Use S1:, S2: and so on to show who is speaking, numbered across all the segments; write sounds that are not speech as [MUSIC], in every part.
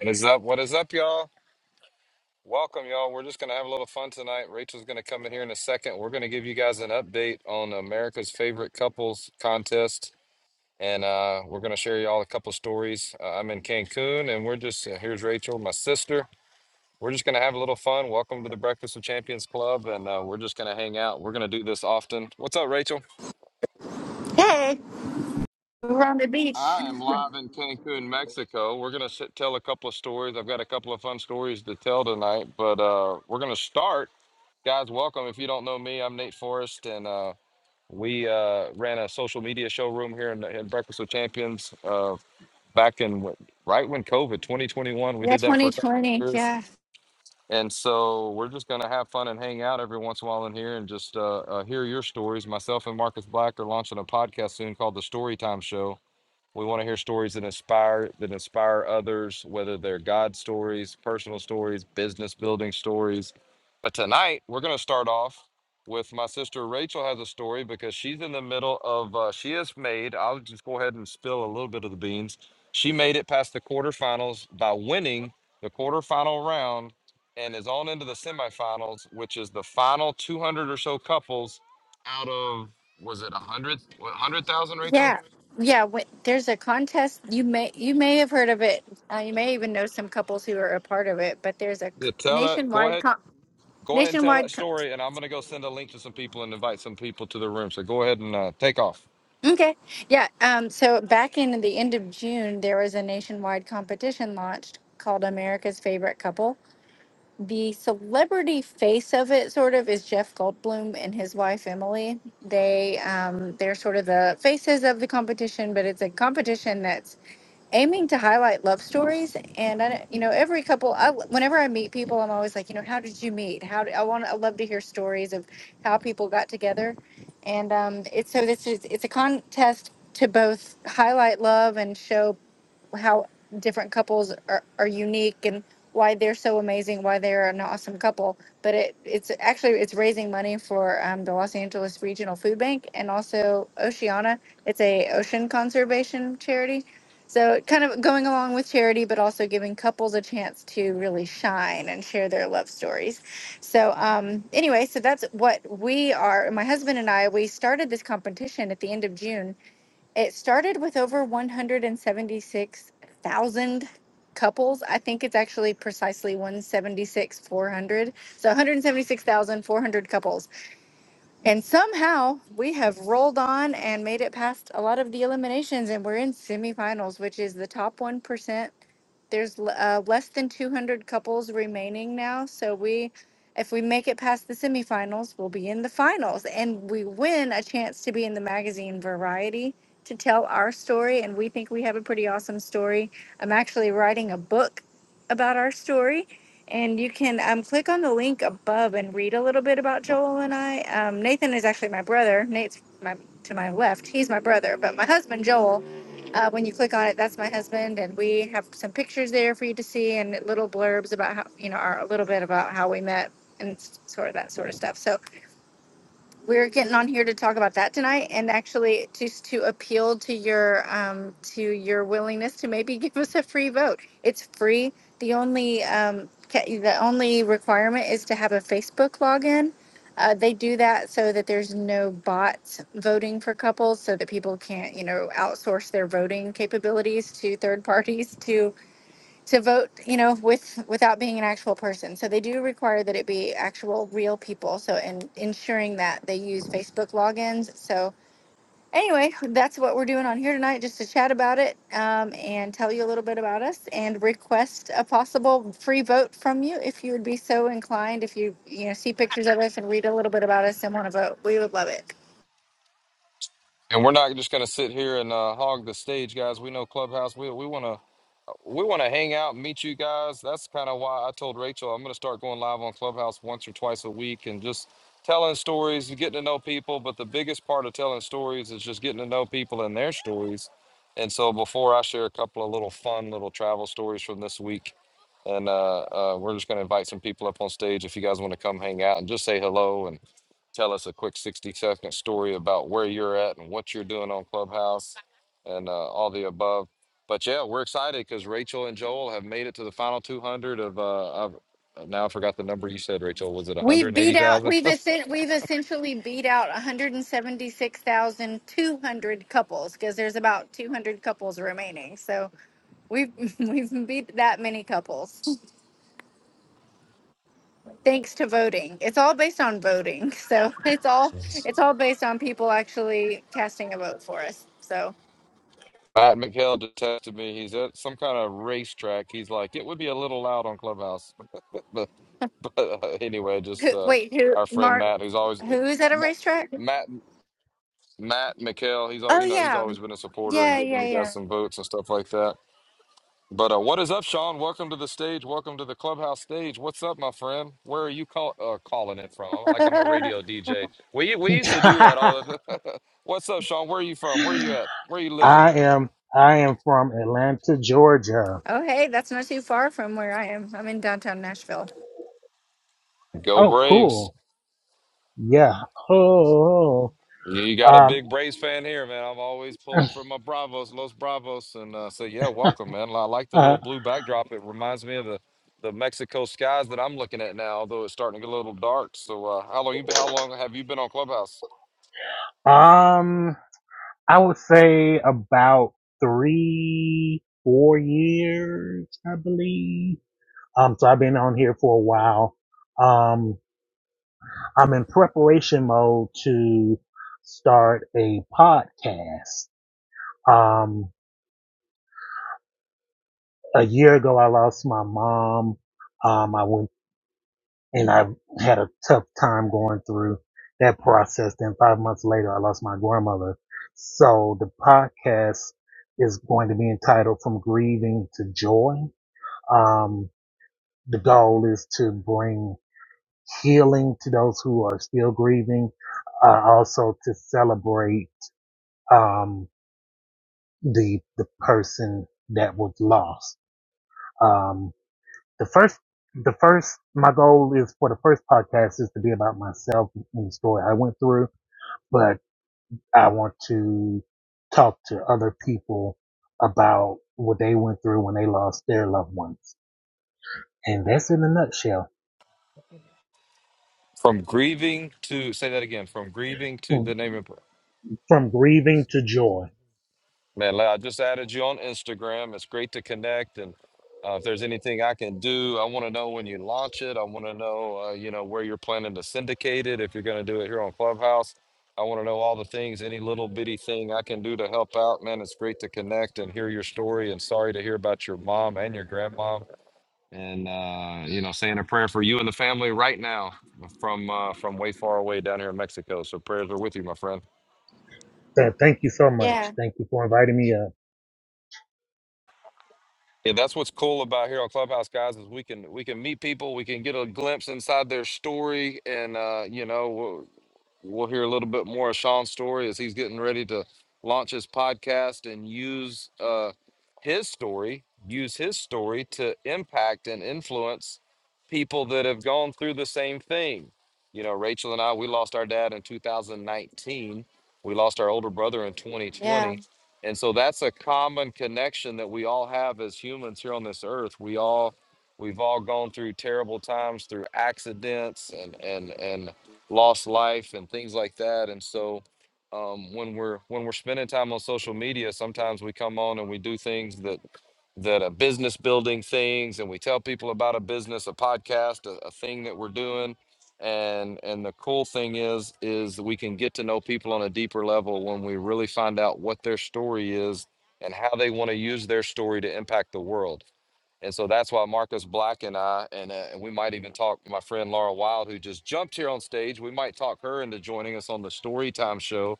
S1: What is up? What is up, y'all? Welcome, y'all. We're just going to have a little fun tonight. Rachel's going to come in here in a second. We're going to give you guys an update on America's Favorite Couples contest, and uh, we're going to share y'all a couple stories. Uh, I'm in Cancun, and we're just uh, here's Rachel, my sister. We're just going to have a little fun. Welcome to the Breakfast of Champions Club, and uh, we're just going to hang out. We're going to do this often. What's up, Rachel?
S2: Hey, we're on the beach.
S1: I am live in Cancun, Mexico. We're going to tell a couple of stories. I've got a couple of fun stories to tell tonight, but uh, we're going to start. Guys, welcome. If you don't know me, I'm Nate Forrest, and uh, we uh, ran a social media showroom here in, in Breakfast with Champions uh, back in wh- right when COVID 2021. We
S2: Yeah,
S1: did that for a couple of
S2: 2020.
S1: years,
S2: Yeah,
S1: and so we're just gonna have fun and hang out every once in a while in here and just uh, uh, hear your stories. Myself and Marcus Black are launching a podcast soon called The Storytime Show, we want to hear stories that inspire that inspire others, whether they're God stories, personal stories, business building stories. But tonight we're going to start off with my sister Rachel has a story because she's in the middle of uh, she has made. I'll just go ahead and spill a little bit of the beans. She made it past the quarterfinals by winning the quarterfinal round and is on into the semifinals, which is the final 200 or so couples out of was it 100 100,000 Rachel?
S2: yeah, yeah. Wait, there's a contest. You may you may have heard of it. Uh, you may even know some couples who are a part of it. But there's a c-
S1: Yeah, tell that. Go
S2: nationwide
S1: ahead.
S2: con-
S1: Go ahead and tell that
S2: nationwide. Con-
S1: story, and I'm going to go send a link to some people and invite some people to the room. So go ahead and uh, take off.
S2: okay, yeah. Um. So back in the end of June, there was a nationwide competition launched called America's Favorite Couple the celebrity face of it sort of is Jeff Goldblum and his wife Emily. They um they're sort of the faces of the competition, but it's a competition that's aiming to highlight love stories and I you know every couple I, whenever I meet people I'm always like, you know, how did you meet? How did, I want I love to hear stories of how people got together. And um it's so this is it's a contest to both highlight love and show how different couples are, are unique and why they're so amazing, why they're an awesome couple. But it, it's actually it's raising money for um, the Los Angeles Regional Food Bank and also Oceana. It's a ocean conservation charity. So kind of going along with charity, but also giving couples a chance to really shine and share their love stories. So um, anyway, so that's what we are. My husband and I we started this competition at the end of June it started with over 176,000 couples. I think it's actually precisely 176,400. So 176,400 couples and somehow we have rolled on and made it past a lot of the eliminations, and we're in semifinals, which is the top 1%. There's l- uh, less than 200 couples remaining now. So we, if we make it past the semifinals, we'll be in the finals and we win a chance to be in the magazine Variety to tell our story. And we think we have a pretty awesome story. I'm actually writing a book about our story and you can um, click on the link above and read a little bit about Joel and I. Um, Nathan is actually my brother. Nate's my, to my left. He's my brother, but my husband Joel. Uh, when you click on it, that's my husband, and we have some pictures there for you to see and little blurbs about how you know our, a little bit about how we met and s- sort of that sort of stuff. So we're getting on here to talk about that tonight and actually just to appeal to your um to your willingness to maybe [LAUGHS] give us a free vote it's free the only um ca- the only requirement is to have a facebook login uh, they do that so that there's no bots voting for couples so that people can't you know outsource their voting capabilities to third [LAUGHS] parties to to vote, you know, with without being an actual person. So they do require that it be actual real people. So and ensuring that they use Facebook logins. So anyway, that's what we're doing on here tonight, just to chat about it um, and tell you a little bit about us and request a possible free vote from you if you would be so inclined. If you you know see pictures of us and read a little bit about us and want to vote, we would love it.
S1: And we're not just going to sit here and uh, hog the stage, guys. We know Clubhouse. We we want to we want to hang out and meet you guys. That's kind of why I told Rachel I'm going to start going live on Clubhouse once or twice a week and just telling stories and getting to know people. But the biggest part of telling stories is just getting to know people and their stories. And so before I share a couple of little fun little travel stories from this week, and uh, uh, we're just going to invite some people up on stage if you guys want to come hang out and just say hello and tell us a quick 60 second story about where you're at and what you're doing on Clubhouse and uh, all the above. But yeah, we're excited because Rachel and Joel have made it to the final 200 of, uh, I've, uh, now I forgot the number you said, Rachel. Was it
S2: We've beat out.
S1: 180,000?
S2: We've essen- we've essentially beat out 176,200 couples because there's about 200 couples remaining. So we've [LAUGHS] we've beat that many couples thanks to voting. It's all based on voting. [LAUGHS] So it's all it's all based on people actually casting a vote for us. So
S1: [LAUGHS] Matt McHale just texted me. He's at some kind of racetrack. He's like, it would be a little loud on Clubhouse. [LAUGHS] but but uh, anyway,
S2: who,
S1: just uh,
S2: wait, who
S1: our friend
S2: Mark?
S1: Matt, who's always uh,
S2: Who is at a
S1: Matt.
S2: racetrack?
S1: Matt Matt McHale, he's all
S2: Oh
S1: you know, he's
S2: yeah,
S1: always been a supporter and
S2: yeah,
S1: giving you guys
S2: yeah,
S1: some votes and stuff like that. But uh, what is up, Sean? Welcome to the stage. Welcome to the clubhouse stage. What's up, my friend? Where are you call, uh, calling it from? I'm- Like I'm a
S2: yeah.
S1: radio DJ. We we
S3: [LAUGHS]
S1: used to do that
S3: I
S1: all the. [LAUGHS] What's up, Sean? Where are you from? Where are you at? Where are you living?
S3: am I am from Atlanta, Georgia.
S2: [LAUGHS] oh hey, that's not too far from where I am. I'm in downtown Nashville.
S1: Go
S3: Oh,
S1: Braves!
S3: cool. Yeah. Oh.
S1: You you got a
S3: Um.
S1: big Braves fan here, man. I'm always
S3: [CLEARS THROAT]
S1: pulling for my Bravos, Los Bravos, and uh, say, yeah, welcome, man. I like the little
S3: Uh,
S1: blue backdrop. It reminds me of the the Mexico skies that I'm looking at now, although it's starting to get a little dark. So, uh, how long you been- how long have you been on Clubhouse?
S3: um. I would say about three, four years, I believe. Um. So I've been on here for a while. Um. I'm in preparation mode to start a podcast. Um. A year ago, I lost my mom. Um. I went and I had a tough time going through that process. Then five months later, I lost my grandmother. So the podcast is going to be entitled From Grieving to Joy. Um, the goal is to bring healing to those who are still grieving, uh, also to celebrate, um, the, the person that was lost. Um, the first the first my goal is for the first podcast is to be about myself and the story I went through, but I want to talk to other people about what they went through when they lost their loved ones. And that's in a nutshell.
S1: From grieving to say that again. From grieving to the
S3: From,
S1: name of
S3: grieving to joy.
S1: man. like, I just added you on Instagram. It's great to connect, and uh, if there's anything I can do, I want to know when you launch it. I want to know, uh, you know, where you're planning to syndicate it. If you're going to do it here on Clubhouse, I want to know all the things. Any little bitty thing I can do to help out, man. It's great to connect and hear your story. And sorry to hear about your mom and your grandma. and uh, you know, saying a prayer for you and the family right now from uh, from way far away down here in Mexico. So prayers are with you, my friend.
S3: So thank you so
S2: Yeah.
S3: much. Thank you for inviting me up.
S1: Yeah, that's what's cool about here on Clubhouse, guys, is we can we can meet people, we can get a glimpse inside their story, and uh, you know. We'll hear a little bit more of Sean's story as he's getting ready to launch his podcast and use uh, his story, use his story to impact and influence people that have gone through the same thing. You know, Rachel and I, we lost our dad in 2019. We lost our older brother in
S2: Yeah.
S1: 2020. And so that's a common connection that we all have as humans here on this earth. We all we've all gone through terrible times through accidents and and and lost life and things like that. And so um, when we're when we're spending time on social media, sometimes we come on and we do things that that are business building things, and we tell people about a business, a podcast, a, a thing that we're doing. And and the cool thing is is we can get to know people on a deeper level when we really find out what their story is and how they want to use their story to impact the world and so that's why Marcus Black and I, and, uh, and we might even talk to my friend Laura Wild, who just jumped here on stage. We might talk her into joining us on the Storytime Show.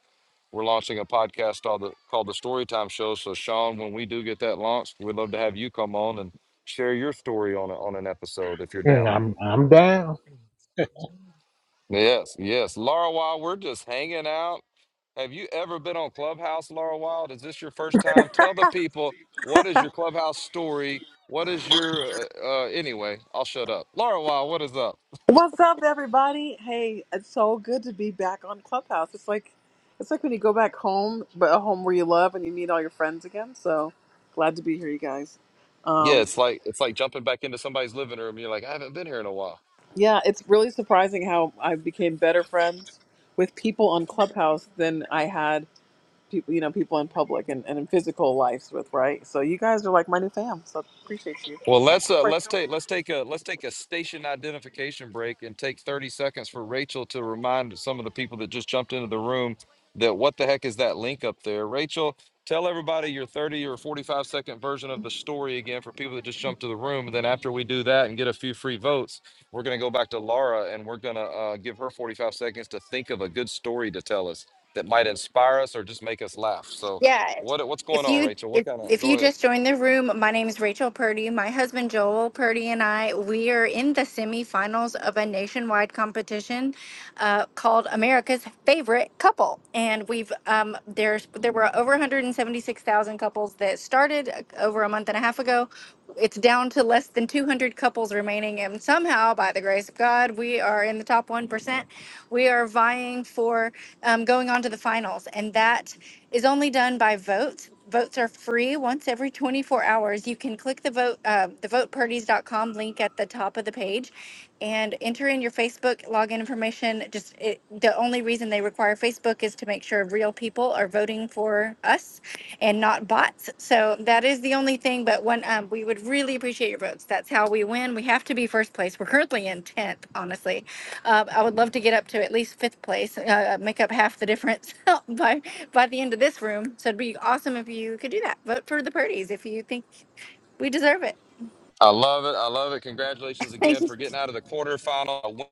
S1: We're launching a podcast called the, called the Storytime Show. So, Sean, when we do get that launched, we'd love to have you come on and share your story on, a, on an episode if you're
S3: Mm,
S1: down.
S3: I'm I'm down.
S1: Yes, yes. Laura Wild, we're just hanging out Have you ever been on Clubhouse, Laura Wild? Is this your first time? Tell the people what is your Clubhouse story? What is your uh, uh anyway, I'll shut up. Laura Wild, what is up?
S4: What's up, everybody? Hey, it's so good to be back on Clubhouse. It's like it's like when you go back home, but a home where you love and you meet all your friends again. So glad to be here, you guys.
S1: Yeah,
S4: Um,
S1: it's like it's like jumping back into somebody's living room. You're like, I haven't been here in a while.
S4: yeah, it's really surprising how I became better friends with people on Clubhouse than I had people, you know, people in public and, and in physical lives with, right? So you guys are like my new fam. So appreciate you.
S1: Well, let's uh, let's take let's take a let's take a station identification break and take 30 seconds for Rachel to remind some of the people that just jumped into the room that what the heck is that link up there? Rachel, tell everybody your 30 or 45 second version of the story again for people that just jumped to the room. And then after we do that and get a few free votes, we're gonna go back to Laura and we're gonna uh, give her 45 seconds to think of a good story to tell us that might inspire us or just make us laugh. So
S2: Yeah.
S1: what what's going
S2: If
S1: on,
S2: you
S1: Rachel? What
S2: if
S1: kind of
S2: if
S1: go
S2: you
S1: ahead?
S2: just joined the room, my name is Rachel Purdy. My husband Joel Purdy and I we are in the semifinals of a nationwide competition uh, called America's Favorite Couple, and we've um, there's there were over 176,000 couples that started uh, over a month and a half ago. It's down to less than 200 couples remaining, winning. And somehow, by the grace of God, we are in the top 1%. We are vying for um, going on to the finals. And that is only done by votes. Votes are free once every 24 hours. You can click the vote, uh, the voteparties.com link at the top of the page and enter in your Facebook login information. Just it, the only reason they require Facebook is to make sure real people are voting for us and not bots. So that is the only thing. But one, um, we would really appreciate your votes. That's how we win. We have to be first place. We're currently in tenth, honestly. Uh, I would love to get up to at least fifth place, uh, make up half the difference [LAUGHS] by by the end of this room. So it'd be awesome if you could do that. Vote for the Purdy's if you think we deserve it.
S1: I love it. I love it. Congratulations
S2: Thank
S1: again
S2: you.
S1: for getting out of the quarterfinal.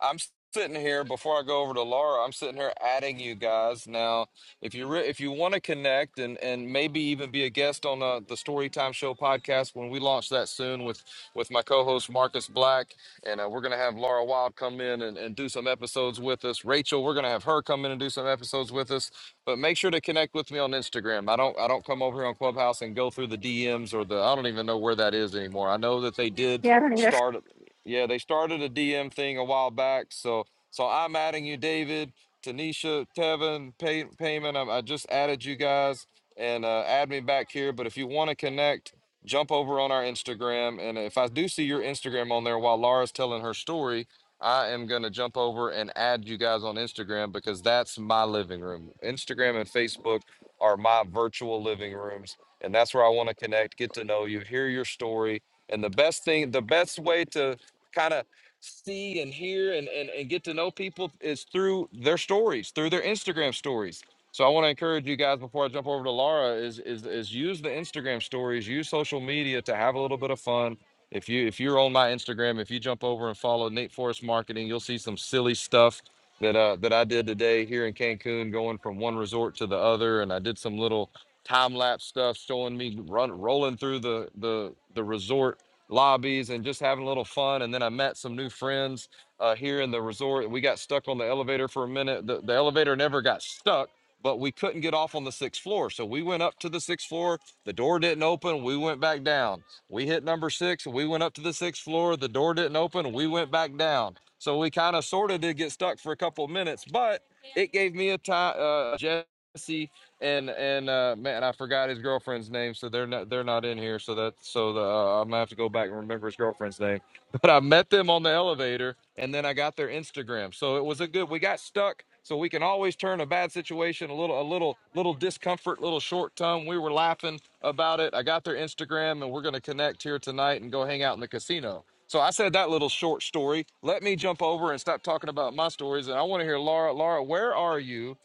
S1: I'm sitting here before I go over to Laura. I'm sitting here adding you guys now. If you re- if you want to connect and and maybe even be a guest on uh, the Storytime Show podcast when we launch that soon with with my co-host Marcus Black, and uh, we're gonna have Laura Wild come in and, and do some episodes with us. Rachel, we're gonna have her come in and do some episodes with us. But make sure to connect with me on Instagram. I don't I don't come over here on Clubhouse and go through the DMs or the I don't even know where that is anymore. I know that they did
S2: Yeah, right there.
S1: start yeah, they started a DM thing a while back. So so I'm adding you, David, Tanisha, Tevin, Pay, Payman. I, I just added you guys and uh, add me back here. But if you want to connect, jump over on our Instagram. And if I do see your Instagram on there while Laura's telling her story, I am going to jump over and add you guys on Instagram because that's my living room. Instagram and Facebook are my virtual living rooms. And that's where I want to connect, get to know you, hear your story. And the best thing, the best way to kind of see and hear and, and, and get to know people is through their stories, through their Instagram stories. So I want to encourage you guys before I jump over to Laura is, is is use the Instagram stories, use social media to have a little bit of fun, if you if you're on my Instagram, if you jump over and follow Nate Forest Marketing, you'll see some silly stuff that uh that I did today here in Cancun, going from one resort to the other, and I did some little time lapse stuff showing me run rolling through the the the resort lobbies and just having a little fun. And then I met some new friends uh, here in the resort. We got stuck on the elevator for a minute. The, the elevator never got stuck. But we couldn't get off on the sixth floor. So we went up to the sixth floor. The door didn't open. We went back down we hit number six. We went up to the sixth floor. The door didn't open. We went back down. So we kind of sort of did get stuck for a couple of minutes, but it gave me a time. Uh, Jesse and and uh, man, I forgot his girlfriend's name, so they're not they're not in here. So that so the, uh, I'm gonna have to go back and remember his girlfriend's name. [LAUGHS] but I met them on the elevator and then I got their Instagram. So it was a good we got stuck. So we can always turn a bad situation, a little a little little discomfort, little short tongue. We were laughing about it. I got their Instagram and we're gonna connect here tonight and go hang out in the casino. So I said that little short story. Let me jump over and stop talking about my stories. And I want to hear Laura. Laura, where are you?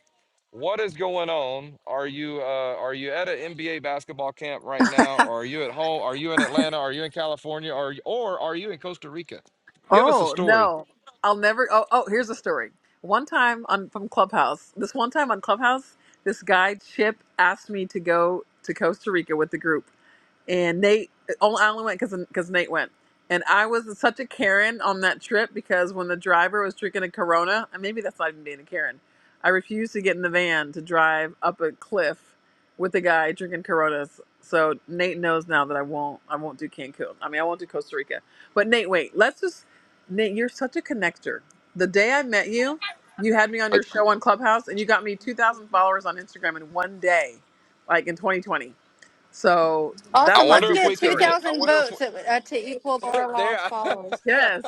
S1: what is going on? Are you uh, are you at an NBA basketball camp right now? Or are you at home? Are you in Atlanta? Are you in California? Or or are you in Costa Rica? Give us a
S4: Oh
S1: story.
S4: no, I'll never. Oh, oh, here's a story. One time on from Clubhouse. This one time on Clubhouse, this guy Chip asked me to go to Costa Rica with the group and Nate. oh, I only went because because Nate went, and I was such a Karen on that trip because when the driver was drinking a Corona, and maybe that's not even being a Karen, I refused to get in the van to drive up a cliff with a guy drinking Coronas. So Nate knows now that I won't. I won't do Cancun. I mean, I won't do Costa Rica. But Nate, wait. Let's just Nate. You're such a connector. The day I met you, you had me on your
S1: But
S4: show on Clubhouse, and you got me 2,000 followers on Instagram in one day, like in 2020 so
S1: I
S4: that's
S2: Awesome.
S4: my
S2: Let's
S1: wonder if
S2: get
S1: we
S4: biggest
S1: can
S4: story.
S1: get. I
S2: 2,000
S1: wonder if
S2: votes
S1: we-
S2: uh, to equal Laura
S1: [LAUGHS] there.
S2: Wild's
S1: I, [LAUGHS]
S2: followers.
S4: Yes.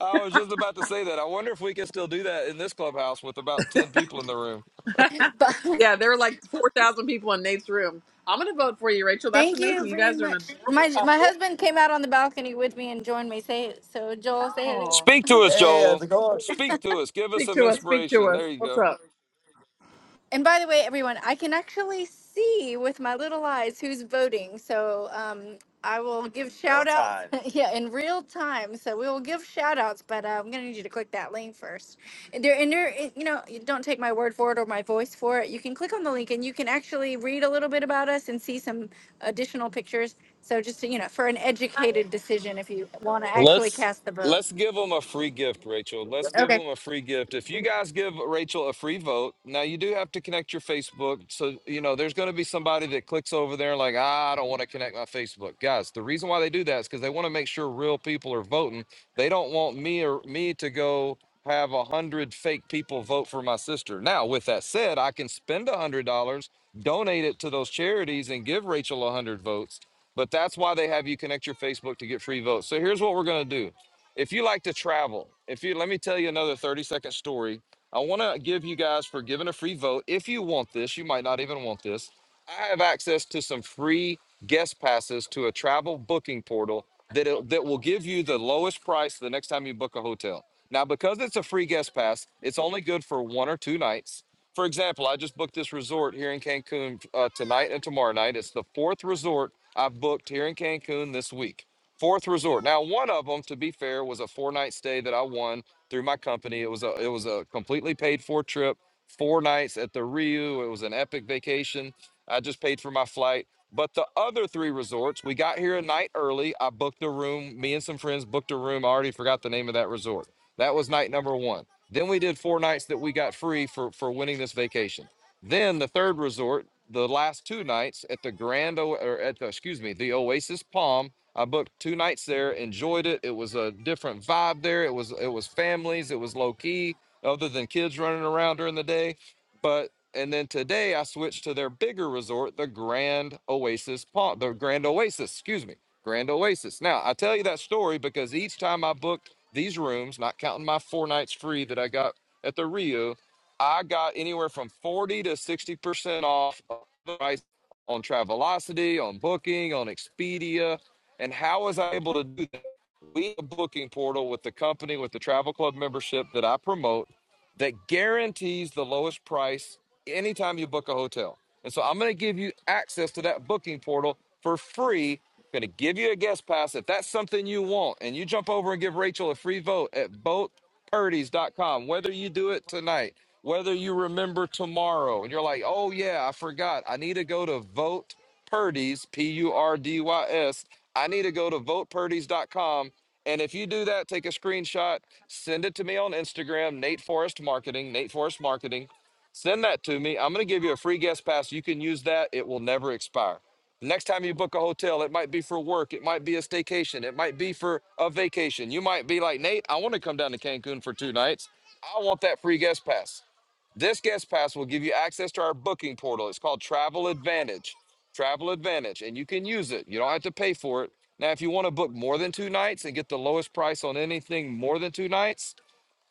S1: I was just about to say that. I wonder if we can still do that in this clubhouse with about ten people in the room.
S2: [LAUGHS] Bye.
S4: Yeah, there were like 4,000 people in Nate's room. I'm going to vote for you, Rachel. That's
S2: Thank you
S4: amazing. You
S2: very
S4: guys are an
S2: much.
S4: adorable
S2: My my
S4: couple.
S2: husband came out on the balcony with me and joined me. Say so, Joel. Say hello. [LAUGHS]
S4: Oh,
S1: Speak to us,
S2: Hey, how's
S1: Joel.
S2: it going? [LAUGHS]
S1: Speak to us. Give us
S4: speak
S1: some
S4: to us. Speak to
S1: inspiration.
S4: us.
S1: There you
S4: What's
S1: go.
S4: up?
S2: And by the way, everyone, I can actually see with my little eyes who's voting. So um, I will give Real shout outs. [LAUGHS] time. yeah, in real time. So we will give shout outs, but uh, I'm going to need you to click that link first. And there, and there, you know, you don't take my word for it or my voice for it. You can click on the link and you can actually read a little bit about us and see some additional pictures. So just, you know, for an educated decision if you want to actually cast the vote.
S1: Let's give them a free gift, Rachel. Let's give
S2: Okay.
S1: them a free gift. If you guys give Rachel a free vote, now you do have to connect your Facebook. So, you know, there's going to be somebody that clicks over there and like, ah, I don't want to connect my Facebook. Guys, the reason why they do that is because they want to make sure real people are voting. They don't want me or me to go have a hundred fake people vote for my sister. Now, with that said, I can spend a hundred dollars, donate it to those charities, and give Rachel a hundred votes. But that's why they have you connect your Facebook to get free votes. So here's what we're going to do if you like to travel, if you let me tell you another 30 second story. I want to give you guys for giving a free vote. If you want this, you might not even want this. I have access to some free guest passes to a travel booking portal that it, that will give you the lowest price the next time you book a hotel. Now, because it's a free guest pass, it's only good for one or two nights. For example, I just booked this resort here in Cancun uh, tonight and tomorrow night. It's the fourth resort I've booked here in Cancun this week. Fourth resort. Now, one of them, to be fair, was a four-night stay that I won through my company. It was a it was a completely paid-for trip, four nights at the Rio. It was an epic vacation. I just paid for my flight. But the other three resorts, we got here a night early. I booked a room. Me and some friends booked a room. I already forgot the name of that resort. That was night number one. Then we did four nights that we got free for for winning this vacation. Then the third resort, the last two nights at the Grand o- or at the, excuse me, the Oasis Palm. I booked two nights there, enjoyed it. It was a different vibe there. It was it was families, it was low key, other than kids running around during the day. But and then today I switched to their bigger resort, the Grand Oasis Palm, the Grand Oasis, excuse me. Grand Oasis. Now, I tell you that story because each time I booked these rooms, not counting my four nights free that I got at the Rio, I got anywhere from 40 to 60% off of the price on Travelocity, on Booking, on Expedia. And how was I able to do that? We have a booking portal with the company, with the travel club membership that I promote that guarantees the lowest price anytime you book a hotel. And so I'm going to give you access to that booking portal for free. I'm going to give you a guest pass if that's something you want. And you jump over and give Rachel a free vote at votepurdy's.com. Whether you do it tonight, whether you remember tomorrow, and you're like, oh, yeah, I forgot. I need to go to vote Purdy's, P U R D Y S. I need to go to votepurdy's.com. And if you do that, take a screenshot, send it to me on Instagram, Nate Forrest Marketing, Nate Forrest Marketing Send that to me. I'm going to give you a free guest pass. You can use that. It will never expire. The Next time you book a hotel, it might be for work, it might be a staycation, it might be for a vacation. You might be like, Nate, I want to come down to Cancun for two nights. I want that free guest pass. This guest pass will give you access to our booking portal. It's called Travel Advantage. Travel Advantage, and you can use it. You don't have to pay for it. Now, if you want to book more than two nights and get the lowest price on anything more than two nights,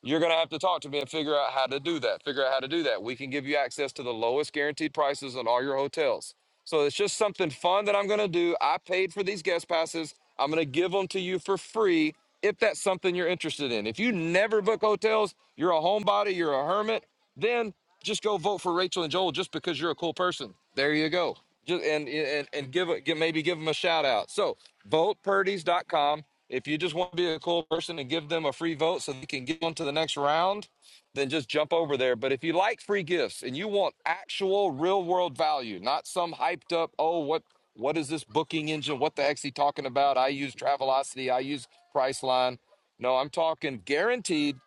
S1: you're going to have to talk to me and figure out how to do that. Figure out how to do that. We can give you access to the lowest guaranteed prices on all your hotels. So it's just something fun that I'm going to do. I paid for these guest passes. I'm going to give them to you for free if that's something you're interested in. If you never book hotels, you're a homebody, you're a hermit, then just go vote for Rachel and Joel just because you're a cool person. There you go. Just, and, and and give, it- give maybe give them a shout out. So votePurdy's.com. If you just want to be a cool person and give them a free vote so they can get on to the next round, then just jump over there. But if you like free gifts and you want actual real world value, not some hyped up, oh, what what is this booking engine? What the heck's he talking about? I use Travelocity, I use Priceline. No, I'm talking guaranteed,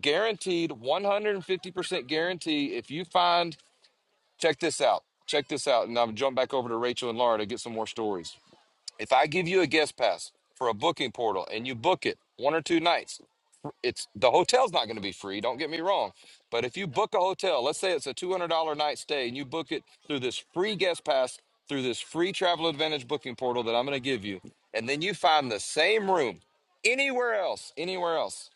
S1: guaranteed, 150% guarantee. If you find, check this out, check this out, and I'm jump back over to Rachel and Laura to get some more stories. If I give you a guest pass for a booking portal and you book it one or two nights, it's the hotel's not going to be free. Don't get me wrong, but if you book a hotel, let's say it's a two hundred dollar night stay, and you book it through this free guest pass through this free Travel Advantage booking portal that I'm going to give you, and then you find the same room anywhere else, anywhere else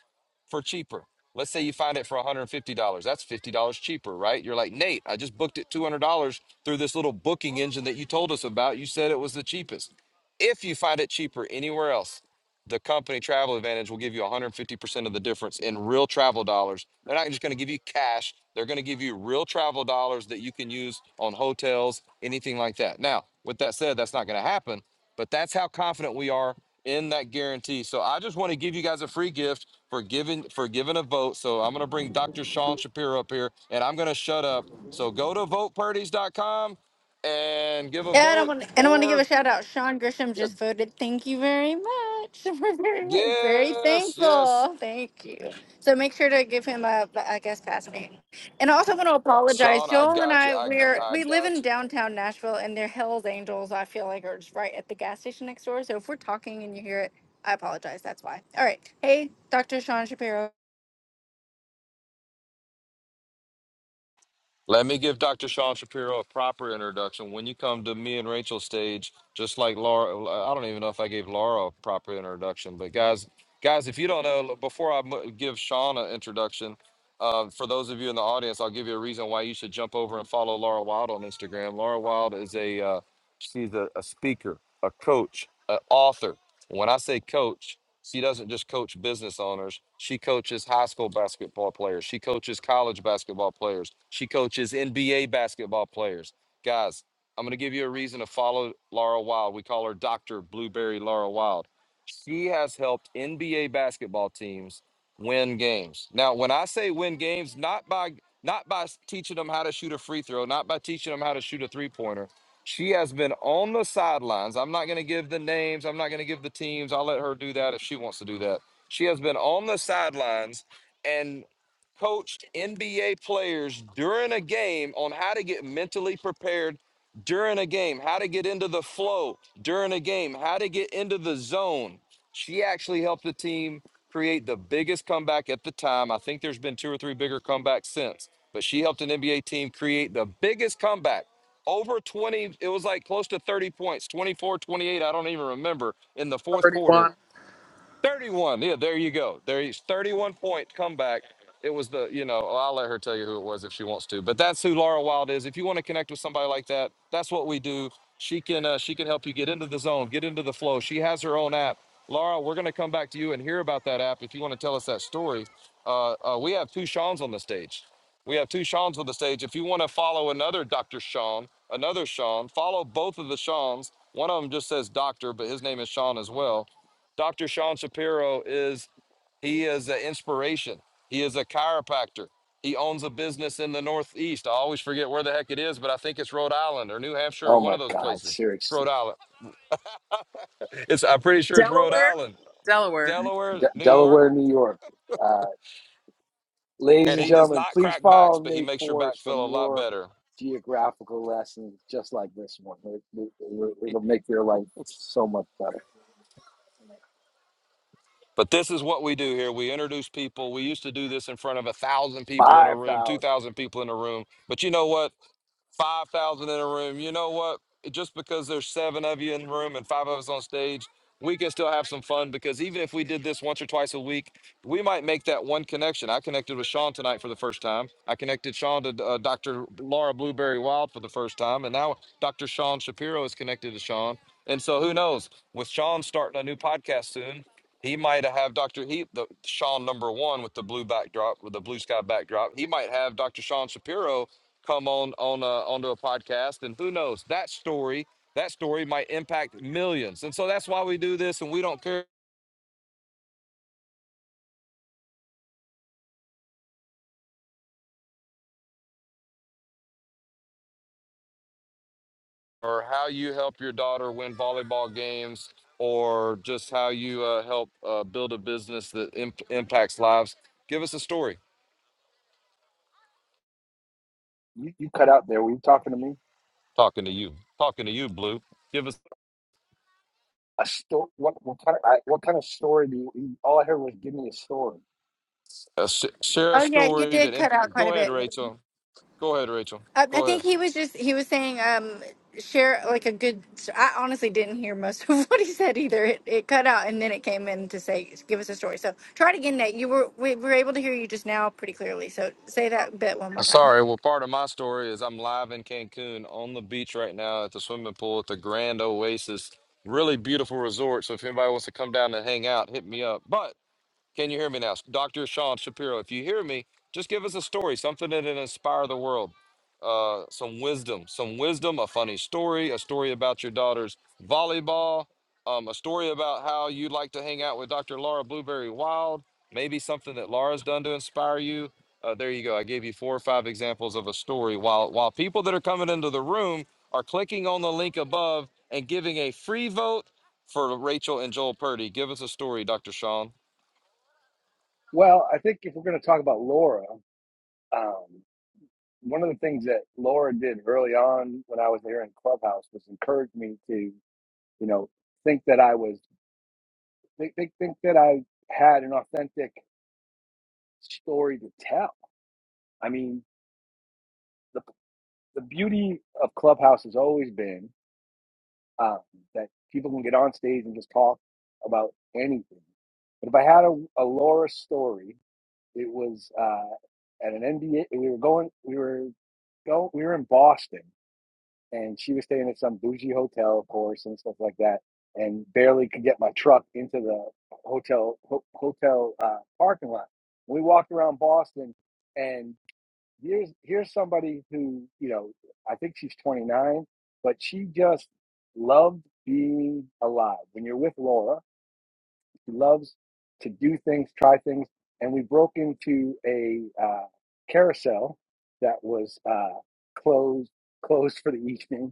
S1: for cheaper. Let's say you find it for $150. That's $50 cheaper, right? You're like, Nate, I just booked it $200 through this little booking engine that you told us about. You said it was the cheapest. If you find it cheaper anywhere else, the company Travel Advantage will give you 150% of the difference in real travel dollars. They're not just going to give you cash, they're going to give you real travel dollars that you can use on hotels, anything like that. Now, with that said, that's not going to happen, but that's how confident we are in that guarantee. So I just want to give you guys a free gift for giving for giving a vote. So I'm going to bring Dr. Sean Shapiro up here and I'm going to shut up. So go to votepurdies.com and give a
S2: Yeah, and I don't
S1: vote
S2: want and I don't want to give a
S1: or
S2: shout out. Sean Grisham just voted. Thank you very much. [LAUGHS] We're very, very
S1: Yes, yes.
S2: thankful. Thank you. So make sure to give him a, I guess, pass me. And I also want to apologize.
S1: Sean, I
S2: Joel and
S1: got you.
S2: I,
S1: I
S2: we're
S1: I
S2: we live
S1: got
S2: in
S1: you.
S2: downtown Nashville, and their Hell's Angels, I feel like, are just right at the gas station next door. So if we're talking and you hear it, I apologize. That's why. All right. Hey, Dr. Sean Shapiro.
S1: Let me give Dr. Sean Shapiro a proper introduction. When you come to me and Rachel's stage, just like Laura, I don't even know if I gave Laura a proper introduction, but guys, guys, if you don't know, before I mu- give Sean an introduction, uh, for those of you in the audience, I'll give you a reason why you should jump over and follow Laura Wild on Instagram. Laura Wild is a uh, she's a, a speaker, a coach, an author. When I say coach, She doesn't just coach business owners. She coaches high school basketball players. She coaches college basketball players. She coaches NBA basketball players. Guys, I'm going to give you a reason to follow Laura Wild. We call her Dr. Blueberry Laura Wild. She has helped NBA basketball teams win games. Now, when I say win games, not by not by s- teaching them how to shoot a free throw, not by teaching them how to shoot a three-pointer, she has been on the sidelines. I'm not going to give the names. I'm not going to give the teams. I'll let her do that if she wants to do that. She has been on the sidelines and coached NBA players during a game on how to get mentally prepared during a game, how to get into the flow during a game, how to get into the zone. She actually helped the team create the biggest comeback at the time. I think there's been two or three bigger comebacks since, but she helped an NBA team create the biggest comeback over 20 it was like close to 30 points 24 28 i don't even remember in the fourth quarter
S4: 31.
S1: 31. Yeah, there you go. There he's 31 point comeback. It was the, you know, I'll let her tell you who it was if she wants to. But that's who Laura Wild is. If you want to connect with somebody like that, that's what we do. She can uh, she can help you get into the zone, get into the flow. She has her own app. Laura, we're going to come back to you and hear about that app if you want to tell us that story. Uh, uh, we have two Sean's on the stage. We have two Sean's on the stage. If you want to follow another Dr. Sean, another Sean, follow both of the Sean's. One of them just says doctor, but his name is Sean as well Dr. Sean Shapiro is he is an inspiration. He is a chiropractor. He owns a business in the Northeast. I always forget where the heck it is, but I think it's Rhode Island or New Hampshire or
S5: Oh
S1: one
S5: my
S1: of those
S5: God,
S1: places. It's
S5: seriously.
S1: Rhode Island. It's I'm pretty sure it's Rhode
S4: Delaware?
S1: Island,
S4: Delaware.
S1: Delaware,
S5: De-
S1: New York,
S5: Delaware, New York. Uh, ladies
S1: and
S5: and
S1: he does
S5: gentlemen,
S1: not
S5: please
S1: crack backs,
S5: follow
S1: but he
S5: Nate
S1: makes your back
S5: Forrest for
S1: feel a lot
S5: more
S1: better.
S5: geographical lessons just like this one. It, it, it- it'll make your life so much better.
S1: But this is what we do here. We introduce people. We used to do this in front of a thousand people in a room, two
S5: 5,000.
S1: thousand people in a room. But you know what? five thousand in a room. You know what? Just because there's seven of you in the room and five of us on stage, we can still have some fun because even if we did this once or twice a week, we might make that one connection. I connected with Sean tonight for the first time. I connected Sean to uh, Dr. Laura Blueberry Wild for the first time, and now Dr. Sean Shapiro is connected to Sean. And so who knows? With Sean starting a new podcast soon, he might have Dr. He the Sean number one with the blue backdrop, with the blue sky backdrop. He might have Dr. Sean Shapiro come on on uh, onto a podcast and who knows that story that story might impact millions and so that's why we do this and we don't care or how you help your daughter win volleyball games or just how you uh, help uh, build a business that imp- impacts lives give us a story
S5: You, you cut out there. Were you talking to me?
S1: talking to you talking to you blue give us
S5: A sto- what, what, kind of, I, what kind of story do you, you- all I heard was give me a story.
S1: a sh- share a
S2: Oh yeah, you
S1: story that
S2: did cut
S1: imp-
S2: out quite
S1: go
S2: a
S1: ahead
S2: bit.
S1: rachel go ahead rachel
S2: I, I
S1: go ahead
S2: think he was just he was saying um share like a good. I honestly didn't hear most [LAUGHS] of what he said either. It, it cut out and then it came in to say give us a story. So try it again, Nate. You were we were able to hear you just now pretty clearly. So say that bit one
S1: Uh,
S2: more time.
S1: Sorry, well, part of my story is I'm live in Cancun on the beach right now at the swimming pool at the Grand Oasis. Really beautiful resort. So if anybody wants to come down and hang out, hit me up. But can you hear me now? Dr. Sean Shapiro, if you hear me, just give us a story, something that will inspire the world. Uh, some wisdom, some wisdom, a funny story, a story about your daughter's volleyball, um, a story about how you like to hang out with Dr. Laura Blueberry Wild, maybe something that Laura's done to inspire you. Uh, there you go. I gave you four or five examples of a story. While while people that are coming into the room are clicking on the link above and giving a free vote for Rachel and Joel Purdy. Give us a story, Dr. Sean.
S5: Well, I think if we're going to talk about Laura, um, one of the things that Laura did early on when I was here in Clubhouse was encourage me to you know, think that I was think think, think that I had an authentic story to tell. I mean, the the beauty of Clubhouse has always been um, that people can get on stage and just talk about anything. But if I had a, a Laura story, it was uh, at an NBA. We were going. We were go. We were in Boston and she was staying at some bougie hotel, of course, and stuff like that, and barely could get my truck into the hotel ho- hotel uh, parking lot. We walked around Boston, and here's here's somebody who you know I think she's 29, but she just loved being alive. When you're with Laura, she loves to do things, try things, and we broke into a uh, carousel that was uh, closed closed for the evening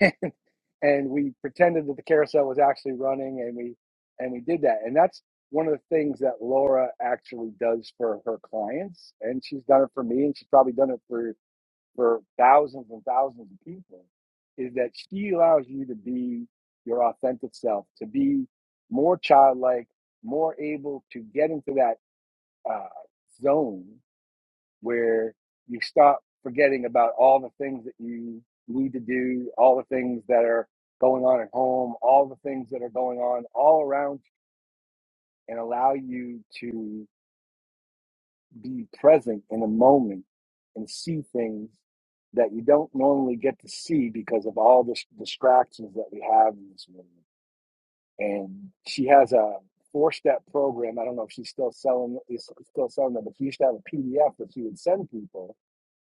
S5: and and we pretended that the carousel was actually running and we and we did that and that's one of the things that Laura actually does for her clients and she's done it for me and she's probably done it for for thousands and thousands of people is that she allows you to be your authentic self to be more childlike more able to get into that uh, zone where you stop forgetting about all the things that you need to do, all the things that are going on at home, all the things that are going on all around, and allow you to be present in a moment and see things that you don't normally get to see because of all the distractions that we have in this world. And she has a four-step program. I don't know if she's still selling is still selling it, but she used to have a PDF that she would send people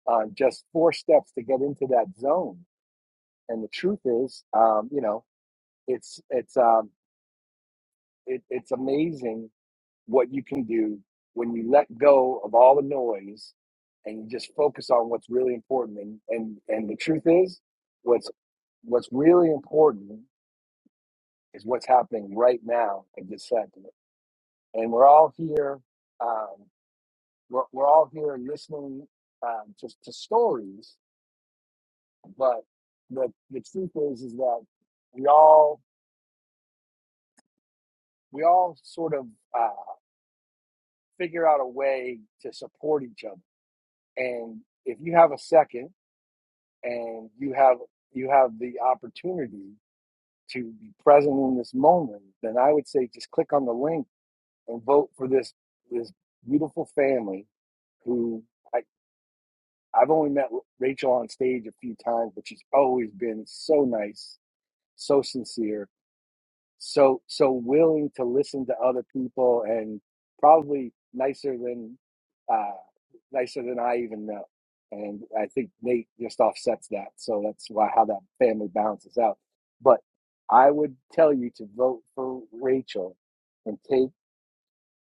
S5: on just four steps to get into that zone. And the truth is, um, you know, it's it's um, it, it's amazing what you can do when you let go of all the noise and you just focus on what's really important. And and and the truth is, what's what's really important is what's happening right now in this second. And we're all here. Um, we're, we're all here listening um, to, to stories But the the truth is, is that we all we all sort of uh, figure out a way to support each other. And if you have a second, and you have you have the opportunity to be present in this moment, then I would say just click on the link and vote for this this beautiful family who I I've only met Rachel on stage a few times, but she's always been so nice, so sincere, so so willing to listen to other people and probably nicer than uh, nicer than I even know. And I think Nate just offsets that, so that's why how that family balances out. But I would tell you to vote for Rachel and take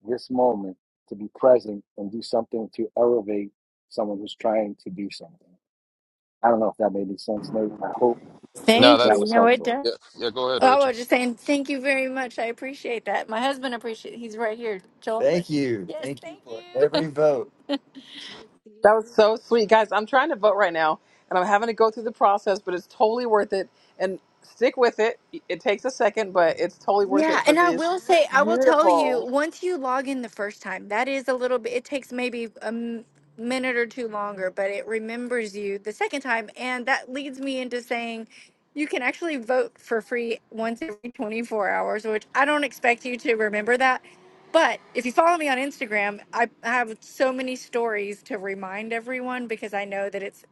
S5: this moment to be present and do something to elevate someone who's trying to do something. I don't know if that made any sense, Nate. I hope
S1: No,
S2: Thank you.
S5: that
S1: that's
S5: was
S2: No, it
S5: helpful.
S2: does.
S1: yeah. Yeah, go ahead,
S2: I
S1: Rachel.
S2: was just saying thank you very much. I appreciate that. My husband appreciates. He's right here, Joel. Thank you. Yes, Thank you thank for you. [LAUGHS] every vote.
S4: That was so sweet. Guys, I'm trying to vote right now and I'm having to go through the process, but it's totally worth it. And stick with it. It takes a second, but it's totally worth
S2: Yeah,
S4: it for
S2: and I
S4: this
S2: will say, I will tell
S4: beautiful.
S2: you, once you log in the first time, that is a little bit, it takes maybe a m- minute or two longer, but it remembers you the second time. And that leads me into saying you can actually vote for free once every 24 hours, which I don't expect you to remember that. But if you follow me on Instagram, I I have so many stories to remind everyone because I know that it's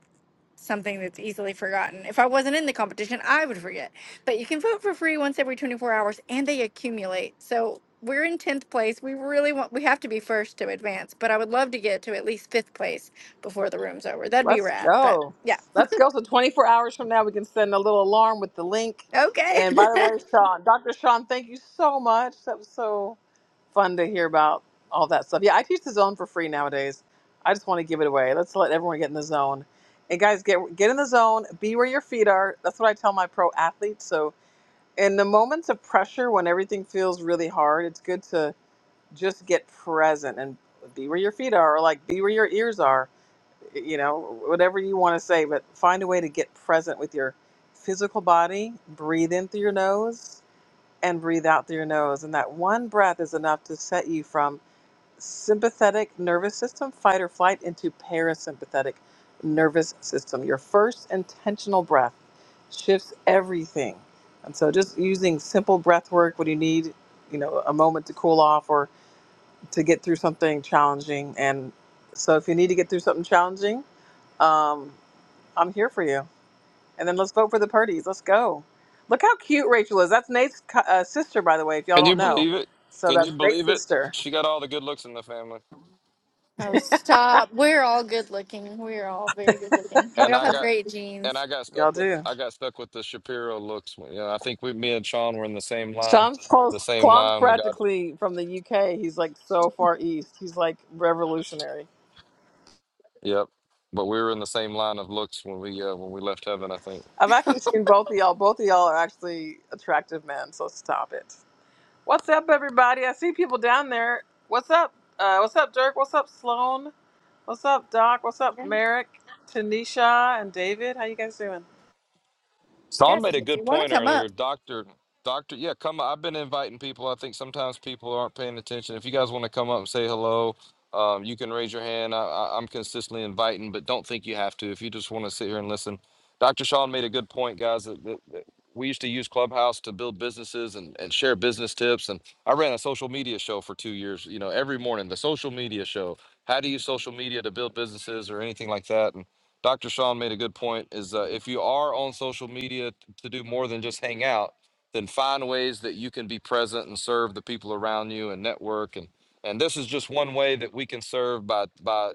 S2: something that's easily forgotten. If I wasn't in the competition, I would forget. But you can vote for free once every 24 hours and they accumulate. So we're in 10th place. We really want, we have to be first to advance, but I would love to get to at least fifth place before the room's over. That'd be
S4: Let's
S2: rad. But
S4: go.
S2: yeah.
S4: Let's go. So 24 hours from now, we can send a little alarm with the link.
S2: Okay.
S4: And
S2: [LAUGHS]
S4: by the way, Sean, Dr. Sean, thank you so much. That was so fun to hear about all that stuff. Yeah, I teach the zone for free nowadays. I just want to give it away. Let's let everyone get in the zone. And guys, get get in the zone. Be where your feet are. That's what I tell my pro athletes. So in the moments of pressure, when everything feels really hard, it's good to just get present and be where your feet are, or like be where your ears are you know, whatever you want to say, but find a way to get present with your physical body. Breathe in through your nose and breathe out through your nose. And that one breath is enough to set you from sympathetic nervous system, fight or flight, into parasympathetic nervous system. Your first intentional breath shifts everything. And so just using simple breath work when you need, you know, a moment to cool off or to get through something challenging. And so if you need to get through something challenging, um, I'm here for you. And then let's vote for the Purdy's. Let's go. Look how cute Rachel is. That's Nate's co- uh, sister, by the way, if y'all
S1: Can you
S4: don't know.
S1: believe it?
S4: So
S1: Can
S4: that's
S1: you
S4: Nate's
S1: believe it?
S4: sister.
S1: She got all the good looks in the family,
S2: Oh, stop. We're all good looking. We're all very good looking. We
S1: and
S2: all
S1: I
S2: have
S1: got
S2: great
S1: and
S2: genes.
S1: I got
S4: Y'all
S1: stuck with
S4: do.
S1: I got stuck with the Shapiro looks. You know, I think we, me and Sean were in the same line,
S4: Sean's close.
S1: the same
S4: Klon's
S1: line. We got
S4: practically from the UK. He's like so far east. He's like revolutionary.
S1: yep, but we were in the same line of looks when we uh, when we left heaven. I think.
S4: I've actually seen both of y'all. Both of y'all are actually attractive men. So stop it. What's up, everybody? I see people down there. What's up? Uh, what's up, Dirk? What's up, Sloan? What's up, Doc? What's up,
S2: Okay.
S4: Merrick, Tanisha, and David? How you guys doing?
S1: Sean
S2: That's
S1: made
S2: it.
S1: a
S2: If you
S1: good
S2: want
S1: point
S2: to come up,
S1: earlier. Doctor, doctor, yeah, come. I've been inviting people. I think sometimes people aren't paying attention. If you guys want to come up and say hello, um, you can raise your hand. I, I, I'm consistently inviting, but don't think you have to. If you just want to sit here and listen, Doctor Sean made a good point, guys. That, that, that we used to use Clubhouse to build businesses and, and share business tips. And I ran a social media show for two years. You know, every morning the social media show. How to use social media to build businesses or anything like that. And Dr. Sean made a good point is uh, if you are on social media t- to do more than just hang out, then find ways that you can be present and serve the people around you and network and and this is just one way that we can serve by by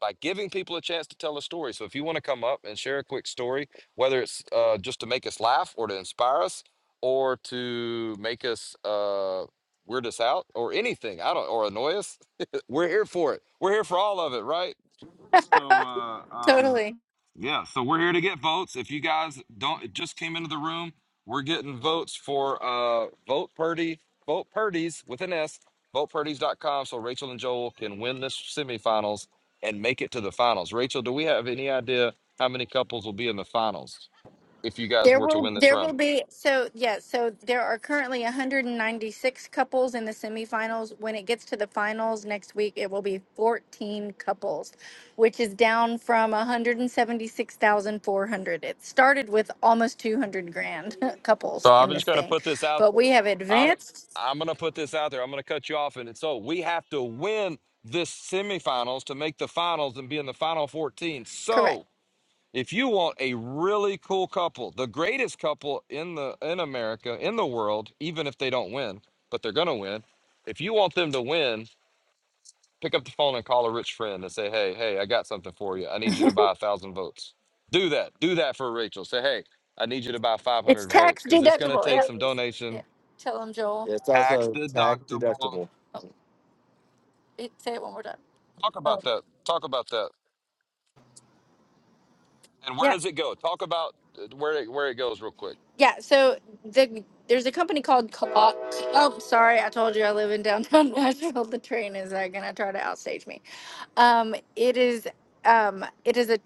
S1: by giving people a chance to tell a story. So if you want to come up and share a quick story, whether it's uh, just to make us laugh or to inspire us or to make us uh, weird us out or anything, I don't or annoy us, [LAUGHS] we're here for it. We're here for all of it, right? So uh, um,
S2: totally.
S1: yeah, so we're here to get votes. If you guys don't it just came into the room, we're getting votes for uh vote Purdy, vote Purdy's with an S, votepurdy's.com so Rachel and Joel can win this semifinals and make it to the finals. Rachel, do we have any idea how many couples will be in the finals if you guys
S2: There
S1: were to
S2: will
S1: win this
S2: there
S1: round?
S2: will be so yeah so there are currently 196 couples in the semifinals. When it gets to the finals next week, it will be 14 couples, which is down from 176,400. It started with almost 200 grand [LAUGHS]
S1: So
S2: couples
S1: I'm
S2: in
S1: just
S2: this
S1: gonna
S2: thing,
S1: put this out
S2: but we
S1: there.
S2: have
S1: I'm
S2: advanced.
S1: I'm gonna put this out there. I'm gonna cut you off and so we have to win this semifinals to make the finals and be in the final 14. So
S2: Correct.
S1: If you want a really cool couple, the greatest couple in the in America, in the world, even if they don't win, but they're gonna win. If you want them to win, pick up the phone and call a rich friend and say, "Hey, hey, I got something for you. I need you to buy a thousand votes." Do that. Do that for Rachel. Say, "Hey, I need you to buy 500 votes because it's gonna
S2: Well,
S1: take
S2: yeah,
S1: some
S2: yeah.
S1: donation,
S2: Tell them Joel. It's
S1: tax
S2: also tax
S1: deductible."
S2: deductible. Oh, it, say it one more time.
S1: Talk about
S2: Oh.
S1: that. Talk about that. And where
S2: yeah.
S1: does it go? Talk about uh, where it, where it goes real quick.
S2: Yeah, so the there's a company called Col- Oh, sorry, I told you I live in downtown [LAUGHS] Nashville. The train is uh, gonna try to outstage me. Um, it is um, it is a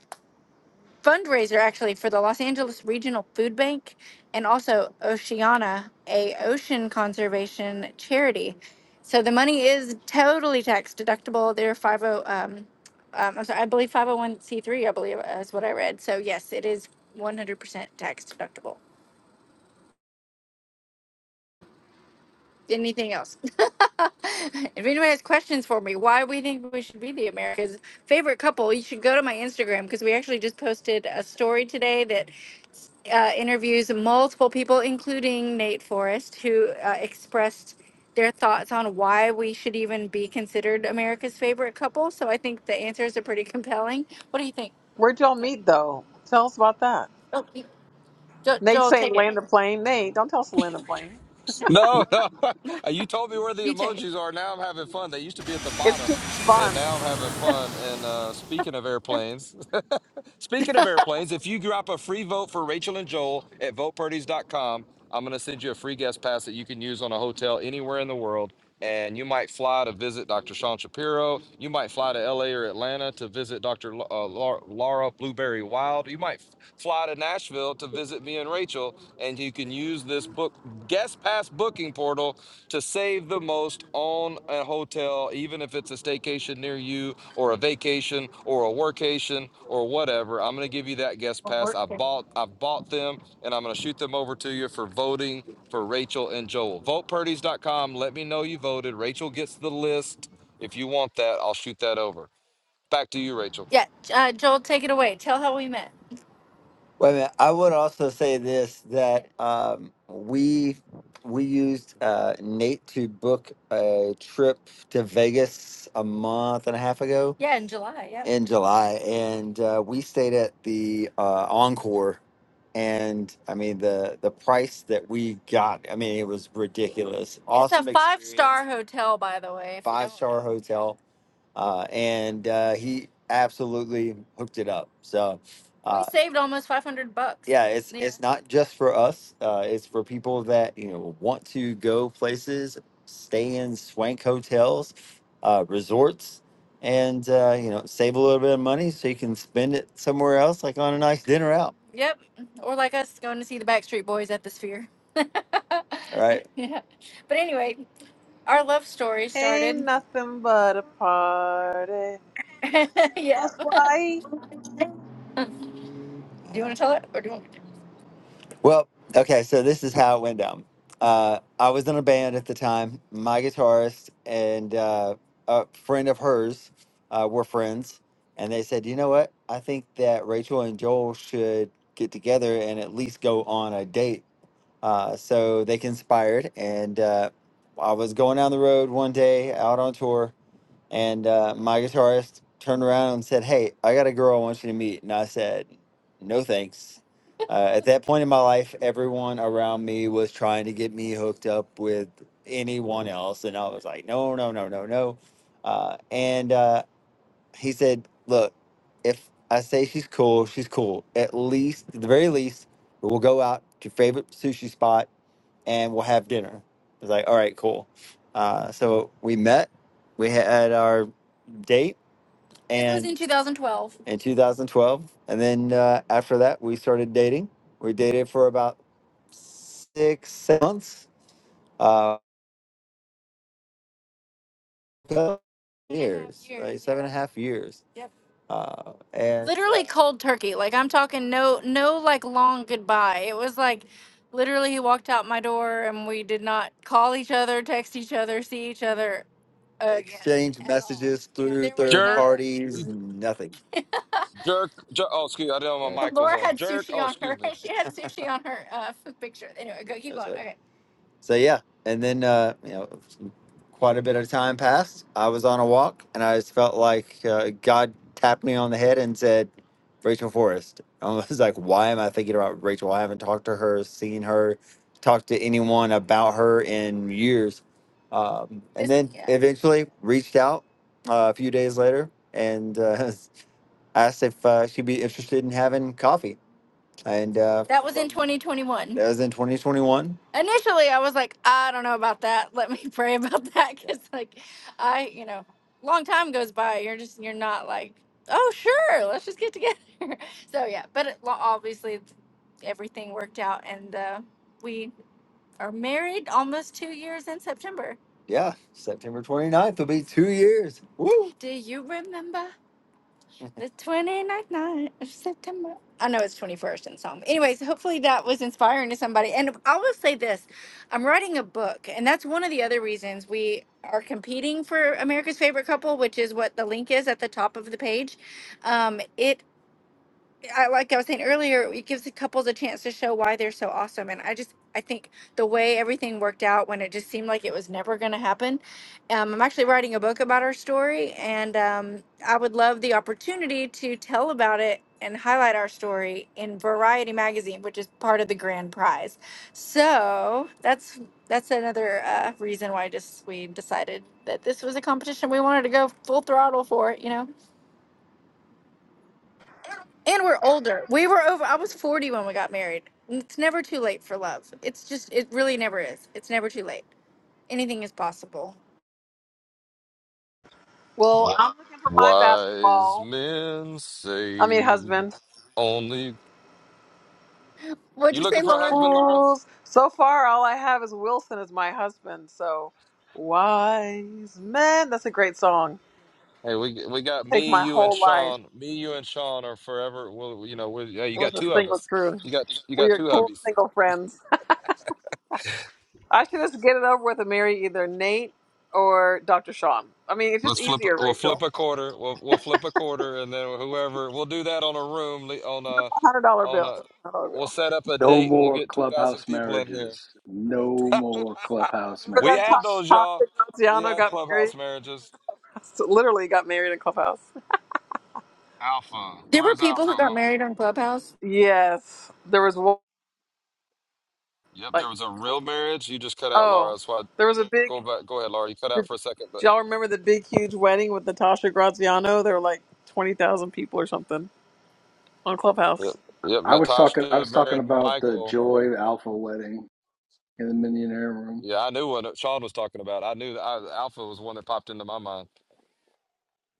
S2: fundraiser actually for the Los Angeles Regional Food Bank and also Oceana, a ocean conservation charity. So the money is totally tax deductible. They're five oh um, um, I'm sorry, I believe five hundred one c three. I believe is what I read. So yes, it is one hundred percent tax deductible. anything else. [LAUGHS] if anyone has questions for me, why we think we should be the America's favorite couple, you should go to my Instagram because we actually just posted a story today that uh, interviews multiple people, including Nate Forrest, who uh, expressed their thoughts on why we should even be considered America's favorite couple. So I think the answers are pretty compelling. What do you think?
S4: Where'd y'all meet though? Tell us about that.
S2: Oh, you- Jo-
S4: Nate
S2: Joel,
S4: saying
S2: take it.
S4: land
S2: [LAUGHS]
S4: a plane. Nate, don't tell us to land a plane.
S1: No, no. [LAUGHS]
S2: No,
S1: You told me where the
S2: You take it.
S1: emojis are. Now I'm having fun. They used to be at the
S4: It's too much
S1: bottom,
S4: fun.
S1: and now I'm having fun. And uh, speaking of airplanes, [LAUGHS] speaking of airplanes, if you drop a free vote for Rachel and Joel at votepurdies.com, I'm going to send you a free guest pass that you can use on a hotel anywhere in the world. And you might fly to visit Dr. Sean Shapiro. You might fly to LA or Atlanta to visit Dr. L- uh, Lar- Laura Blueberry Wild. You might fly to Nashville to visit me and Rachel, and you can use this book guest pass booking portal to save the most on a hotel, even if it's a staycation near you or a vacation or a workation or whatever. I'm gonna give you that guest
S2: Or
S1: pass.
S2: Mark,
S1: I
S2: take it.
S1: bought I bought them and I'm gonna shoot them over to you for voting for Rachel and Joel. VotePurdy's.com. Let me know you voted. Rachel gets the list. If you want that, I'll shoot that over. Back to you, Rachel.
S2: Yeah, uh, Joel, take it away. Tell how we met. Wait a minute. I would also say this that um, we we used uh, Nate to book a trip to Vegas a month and a half ago Yeah, in July. Yeah. in July, and uh, we stayed at the uh, Encore. And I mean the the price that we got. I mean it was ridiculous. It's a Awesome five experience. star hotel, by the way, if you Five don't star hotel uh, and uh, he absolutely hooked it up. So, We uh, saved almost 500 bucks. yeah, it's Yeah. it's not just for us. Uh, it's for people that you know want to go places, stay in swank hotels, uh, resorts, and uh, you know save a little bit of money so you can spend it somewhere else, like on a nice dinner out. Yep. Or like us going to see the Backstreet Boys at the Sphere. [LAUGHS] All right. yeah. But anyway, our love story
S4: Ain't
S2: started.
S4: nothing but a party.
S2: [LAUGHS]
S4: That's
S2: Yep.
S4: why.
S2: Do you want to tell it, or do you want me to? Well, okay, so this is how it went down. Uh, I was in a band at the time. My guitarist and uh, a friend of hers uh, were friends, and they said, "You know what? I think that Rachel and Joel should get together and at least go on a date." Uh, so they conspired, and uh, I was going down the road one day out on tour, and uh, my guitarist turned around and said, Hey, I got a girl I want you to meet. And I said, No thanks. Uh, at that point in my life, everyone around me was trying to get me hooked up with anyone else. And I was like, No, no, no, no, no. Uh, and uh, he said, Look, if I say she's cool, she's cool. At least, at the very least, we'll go out to your favorite sushi spot and we'll have dinner. It's like, all right, cool. Uh, so we met, we had our date, This was and in 2012. in 2012, and then uh, after that, we started dating. We dated for about six, seven months. Uh, seven years, years. like seven and a half years. Yep. Uh, and Literally cold turkey. Like I'm talking no no like long goodbye. It was like literally he walked out my door and we did not call each other, text each other, see each other again. exchange at all. messages through There was third no
S1: Jerk. You
S2: parties, nothing.
S1: Jerk, jerk. Oh, excuse. I didn't know
S2: Yeah,
S1: my
S2: [LAUGHS]
S1: mic was
S2: Laura
S1: on.
S2: had
S1: Jerk.
S2: sushi
S1: Oh,
S2: on
S1: excuse
S2: her.
S1: me.
S2: [LAUGHS] She had sushi on her uh, [LAUGHS] f- picture. Anyway, go keep that's going. right. Okay. So yeah, and then uh, you know. quite a bit of time passed. I was on a walk, and I just felt like uh, God tapped me on the head and said, "Rachel Forrest." [LAUGHS] I was like, "Why am I thinking about Rachel? I haven't talked to her, seen her, talked to anyone about her in years." Um, and then Yeah. eventually reached out uh, a few days later and uh, [LAUGHS] asked if uh, she'd be interested in having coffee and uh, That was in 2021. that was in 2021. Initially, I was like, I don't know about that. Let me [LAUGHS] pray about that [LAUGHS] because, like, I, you know, long time goes by. You're just, you're not like, oh, sure, let's just get together. [LAUGHS] so, yeah, but it, lo- obviously, everything worked out, and uh, we are married almost two years in September. Yeah, September 29th will be two years. Woo! Do you remember? the 29th night of September. I know it's 21st in some. Anyways, hopefully that was inspiring to somebody. And I will say this I'm writing a book, and that's one of the other reasons we are competing for America's Favorite Couple, which is what the link is at the top of the page. Um, it I, like I was saying earlier, it gives the couples a chance to show why they're so awesome. And I just, I think the way everything worked out when it just seemed like it was never going to happen. Um, I'm actually writing a book about our story, and um, I would love the opportunity to tell about it and highlight our story in Variety magazine, which is part of the grand prize. So that's that's another uh, reason why just we decided that this was a competition we wanted to go full throttle for. You know. And we're older. We were over. I was 40 when we got married. It's never too late for love. It's just, it really never is. It's never too late. Anything is possible.
S4: Well, Yeah. I'm looking for my
S1: Wise
S4: basketball.
S1: men
S4: I mean,
S1: say
S4: husband.
S1: only.
S2: What'd
S1: You
S2: you say,
S1: looking for a
S2: Laura?
S1: husband, Laura?
S4: Fools. So far, all I have is Wilson as my husband. So, wise men. That's a great song.
S1: Hey, we we got
S4: Take
S1: me,
S4: my
S1: you, and
S4: whole life
S1: Sean. Me, you, and Sean are forever. Well, you know, we yeah, you
S4: with
S1: got
S4: a
S1: two of
S4: single
S1: us.
S4: crew.
S1: You got you
S4: We
S1: got
S4: are
S1: two
S4: cool
S1: hubbies.
S4: single friends. I should just get it over with and marry either Nate or Dr. Sean. I mean, it's just
S1: Let's flip.
S4: easier,
S1: a- We'll flip
S4: Rachel.
S1: a quarter. We'll we'll flip a quarter, and then whoever we'll do that on a room li- on a
S4: Hundred dollar
S1: on
S4: bill.
S1: a.
S4: Hundred dollar
S1: We'll
S4: bill.
S1: set up a
S5: No
S1: date, and we'll
S5: more
S1: get two thousand
S5: clubhouse
S1: people in here.
S5: marriages. No more
S1: [LAUGHS]
S5: clubhouse
S4: Remember
S1: we
S4: that time
S1: had
S5: marriages.
S1: those,
S4: that
S1: y'all.
S4: Tasha
S1: We
S4: Graziano
S1: had
S4: got married?
S1: clubhouse marriages.
S4: [LAUGHS] Literally got married in Clubhouse.
S1: Alpha.
S2: There were
S1: Where's
S2: people
S1: Alpha?
S2: who got
S1: Well,
S2: married on Clubhouse.
S4: Yes, there was one.
S1: yep,
S4: Like,
S1: there was a real marriage. You just cut out Laura.
S4: oh,
S1: That's why
S4: there was a big.
S1: go back go ahead, Laura. You cut out
S4: Did
S1: for a second, but
S4: y'all remember the big, huge wedding with Natasha Graziano? There were like twenty thousand people or something on
S1: yep.
S4: Clubhouse.
S1: Yep.
S5: I was talking. I
S1: Natasha
S5: was talking
S1: married
S5: about the
S1: Michael.
S5: Joy Alpha wedding in the Millionaire Room.
S1: Yeah, I knew what Sean was talking about. I knew that I, Alpha was one that popped into my mind.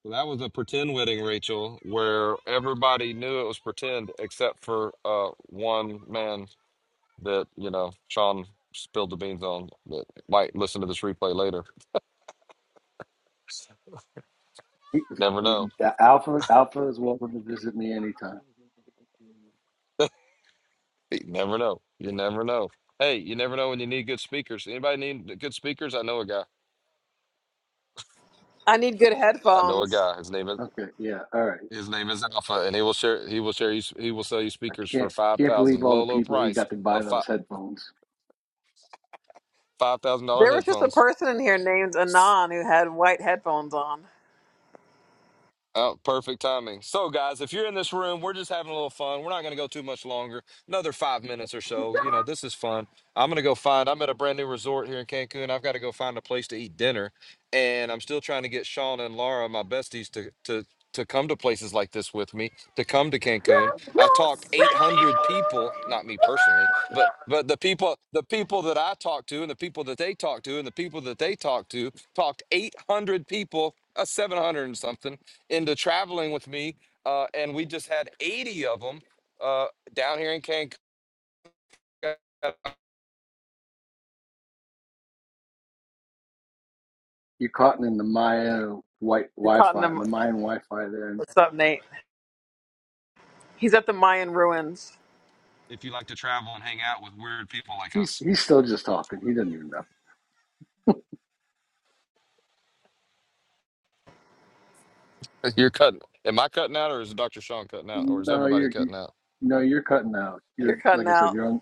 S1: So that was a pretend wedding, Rachel, where everybody knew it was pretend except for uh one man that, you know, Sean spilled the beans on that might listen to this replay later.
S5: He-
S1: Never know.
S5: he- Alpha Alpha is welcome to visit me anytime.
S1: You never know. You never know. Hey, you never know when you need good speakers. Anybody need good speakers? I know a guy.
S4: I need good
S1: I know a
S4: headphones.
S1: guy. His name is
S5: Okay. Yeah. All right.
S1: his name is Alpha, and he will share. He will share. you He will sell you speakers for
S5: Can't
S1: five
S5: can't believe
S1: thousand,
S5: all
S1: low
S5: the
S1: low
S5: people he
S1: price
S5: got to buy
S1: of five
S5: those headphones.
S1: five thousand dollar
S4: There was just a
S1: headphones.
S4: person in here named Anon who had white headphones on.
S1: Oh, perfect timing. So, guys, if you're in this room, we're just having a little fun. We're not going to go too much longer, another five minutes or so. You know, this is fun. I'm going to go find, I'm at a brand new resort here in Cancun. I've got to go find a place to eat dinner. And I'm still trying to get Sean and Laura, my besties, to, to, to come to places like this with me, to come to Cancun. I talked 800 people, not me personally, but but the people the people that I talked to and the people that they talked to and the people that they talked to talked 800 people, uh, 700 and something into traveling with me, uh, and we just had 80 of them uh, down here in Cancun.
S5: You caught him in the Maya white
S4: You caught
S5: Wi-Fi,
S4: them.
S5: the Mayan Wi-Fi there, and
S4: What's up, Nate? He's at the Mayan ruins.
S1: If you like to travel and hang out with weird people like
S5: he's
S1: us,
S5: he's still just talking. He doesn't even know.
S1: you're cutting. Am I cutting out, or is Dr. Sean cutting out, or is
S5: No,
S1: everybody
S5: you're you,
S1: cutting out?
S5: no, you're cutting out.
S4: You're
S5: You're
S4: cutting
S5: like I said,
S4: out.
S5: you're on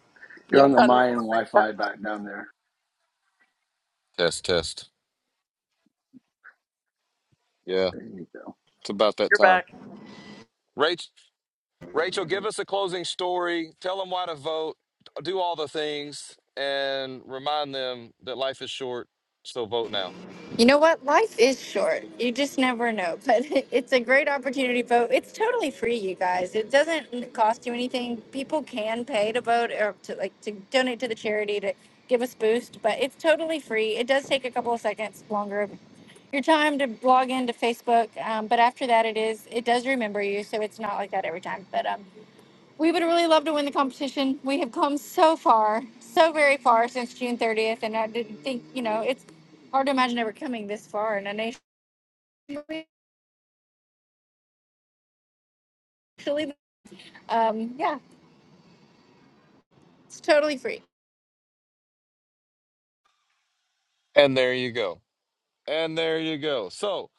S4: You're
S5: you're on the
S4: cutting
S5: Mayan
S4: out. I'm
S5: Wi-Fi
S4: cutting out.
S5: back down there.
S1: Test, test. Yeah,
S5: There you go.
S1: it's about that
S4: You're
S1: time.
S4: back.
S1: Rach, Rachel, give us a closing story. Tell them why to vote. Do all the things, and remind them that life is short. So vote now.
S2: You know what? Life is short. You just never know. But [LAUGHS] it's a great opportunity to vote. It's totally free, you guys. It doesn't cost you anything. People can pay to vote or to like to donate to the charity to give us boost, but it's totally free. It does take a couple of seconds longer Your time to log into Facebook, um, but after that, it is it does remember you, so it's not like that every time. But um, we would really love to win the competition. We have come so far, so very far since June thirtieth, and I didn't think you know it's hard to imagine ever coming this far in a nation. Um, yeah, it's totally free.
S1: And there you go. And there you go. So.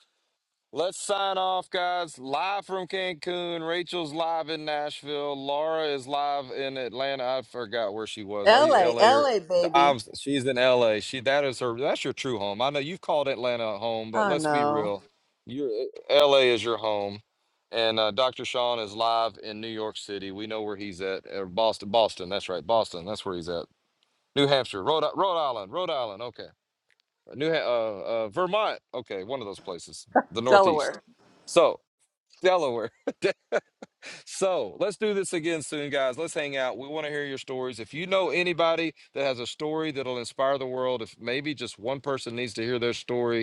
S1: Let's sign off, guys. Live from Cancun. Rachel's live in Nashville. Laura is live in Atlanta. I forgot where she was. Are
S4: L
S1: you
S4: A
S1: LA
S4: L
S1: or
S4: A
S1: the
S4: baby.
S1: I'm, she's in LA. She that is her that's your true home. I know you've called Atlanta home, but
S4: Oh,
S1: let's be
S4: no.
S1: real. Your LA is your home. And uh, Dr. Sean is live in New York City. We know where he's at. Or Boston. Boston. That's right. Boston. That's where he's at. New Hampshire. Rhode, Rhode Island. Rhode Island. Okay. New Ha- uh, uh, Vermont. Okay, one of those places, the Northeast.
S4: Delaware.
S1: So Delaware. [LAUGHS] so let's do this again soon, guys. Let's hang out. We want to hear your stories. If you know anybody that has a story that'll inspire the world, if maybe just one person needs to hear their story,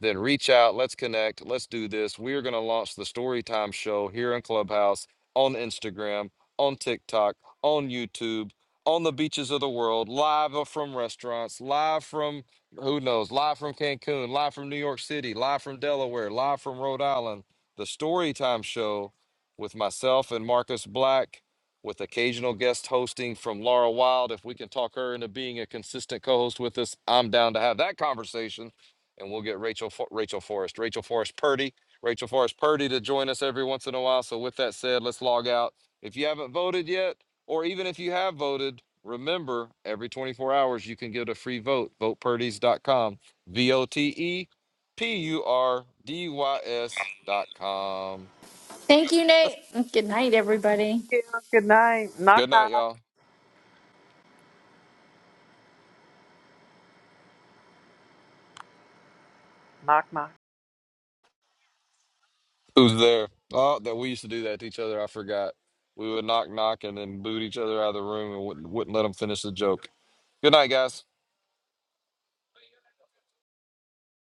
S1: then reach out. Let's connect. Let's do this. We are going to launch the Storytime Show here in Clubhouse, on Instagram, on TikTok, on YouTube, on the beaches of the world, live or from restaurants, live from who knows, live from Cancun, live from New York City, live from Delaware, live from Rhode Island. The Storytime Show with myself and Marcus Black. With occasional guest hosting from Laura Wild. If we can talk her into being a consistent co host with us, I'm down to have that conversation and we'll get Rachel Fo- Rachel Forrest, Rachel Forrest Purdy, Rachel Forrest Purdy to join us every once in a while. So with that said, let's log out. If you haven't voted yet, or even if you have voted, remember every 24 hours you can get a free vote. Vote Purdys. dot com. V o t e p u r d y s. dot com.
S2: Thank you, Nate. Good night, everybody.
S4: Yeah, good night. Knock,
S1: Good night,
S4: knock.
S1: y'all.
S4: Knock, knock.
S1: Who's there? Oh, that we used to do that to each other. I forgot. We would knock knock and then boot each other out of the room and wouldn't, wouldn't let them finish the joke. Good night, guys.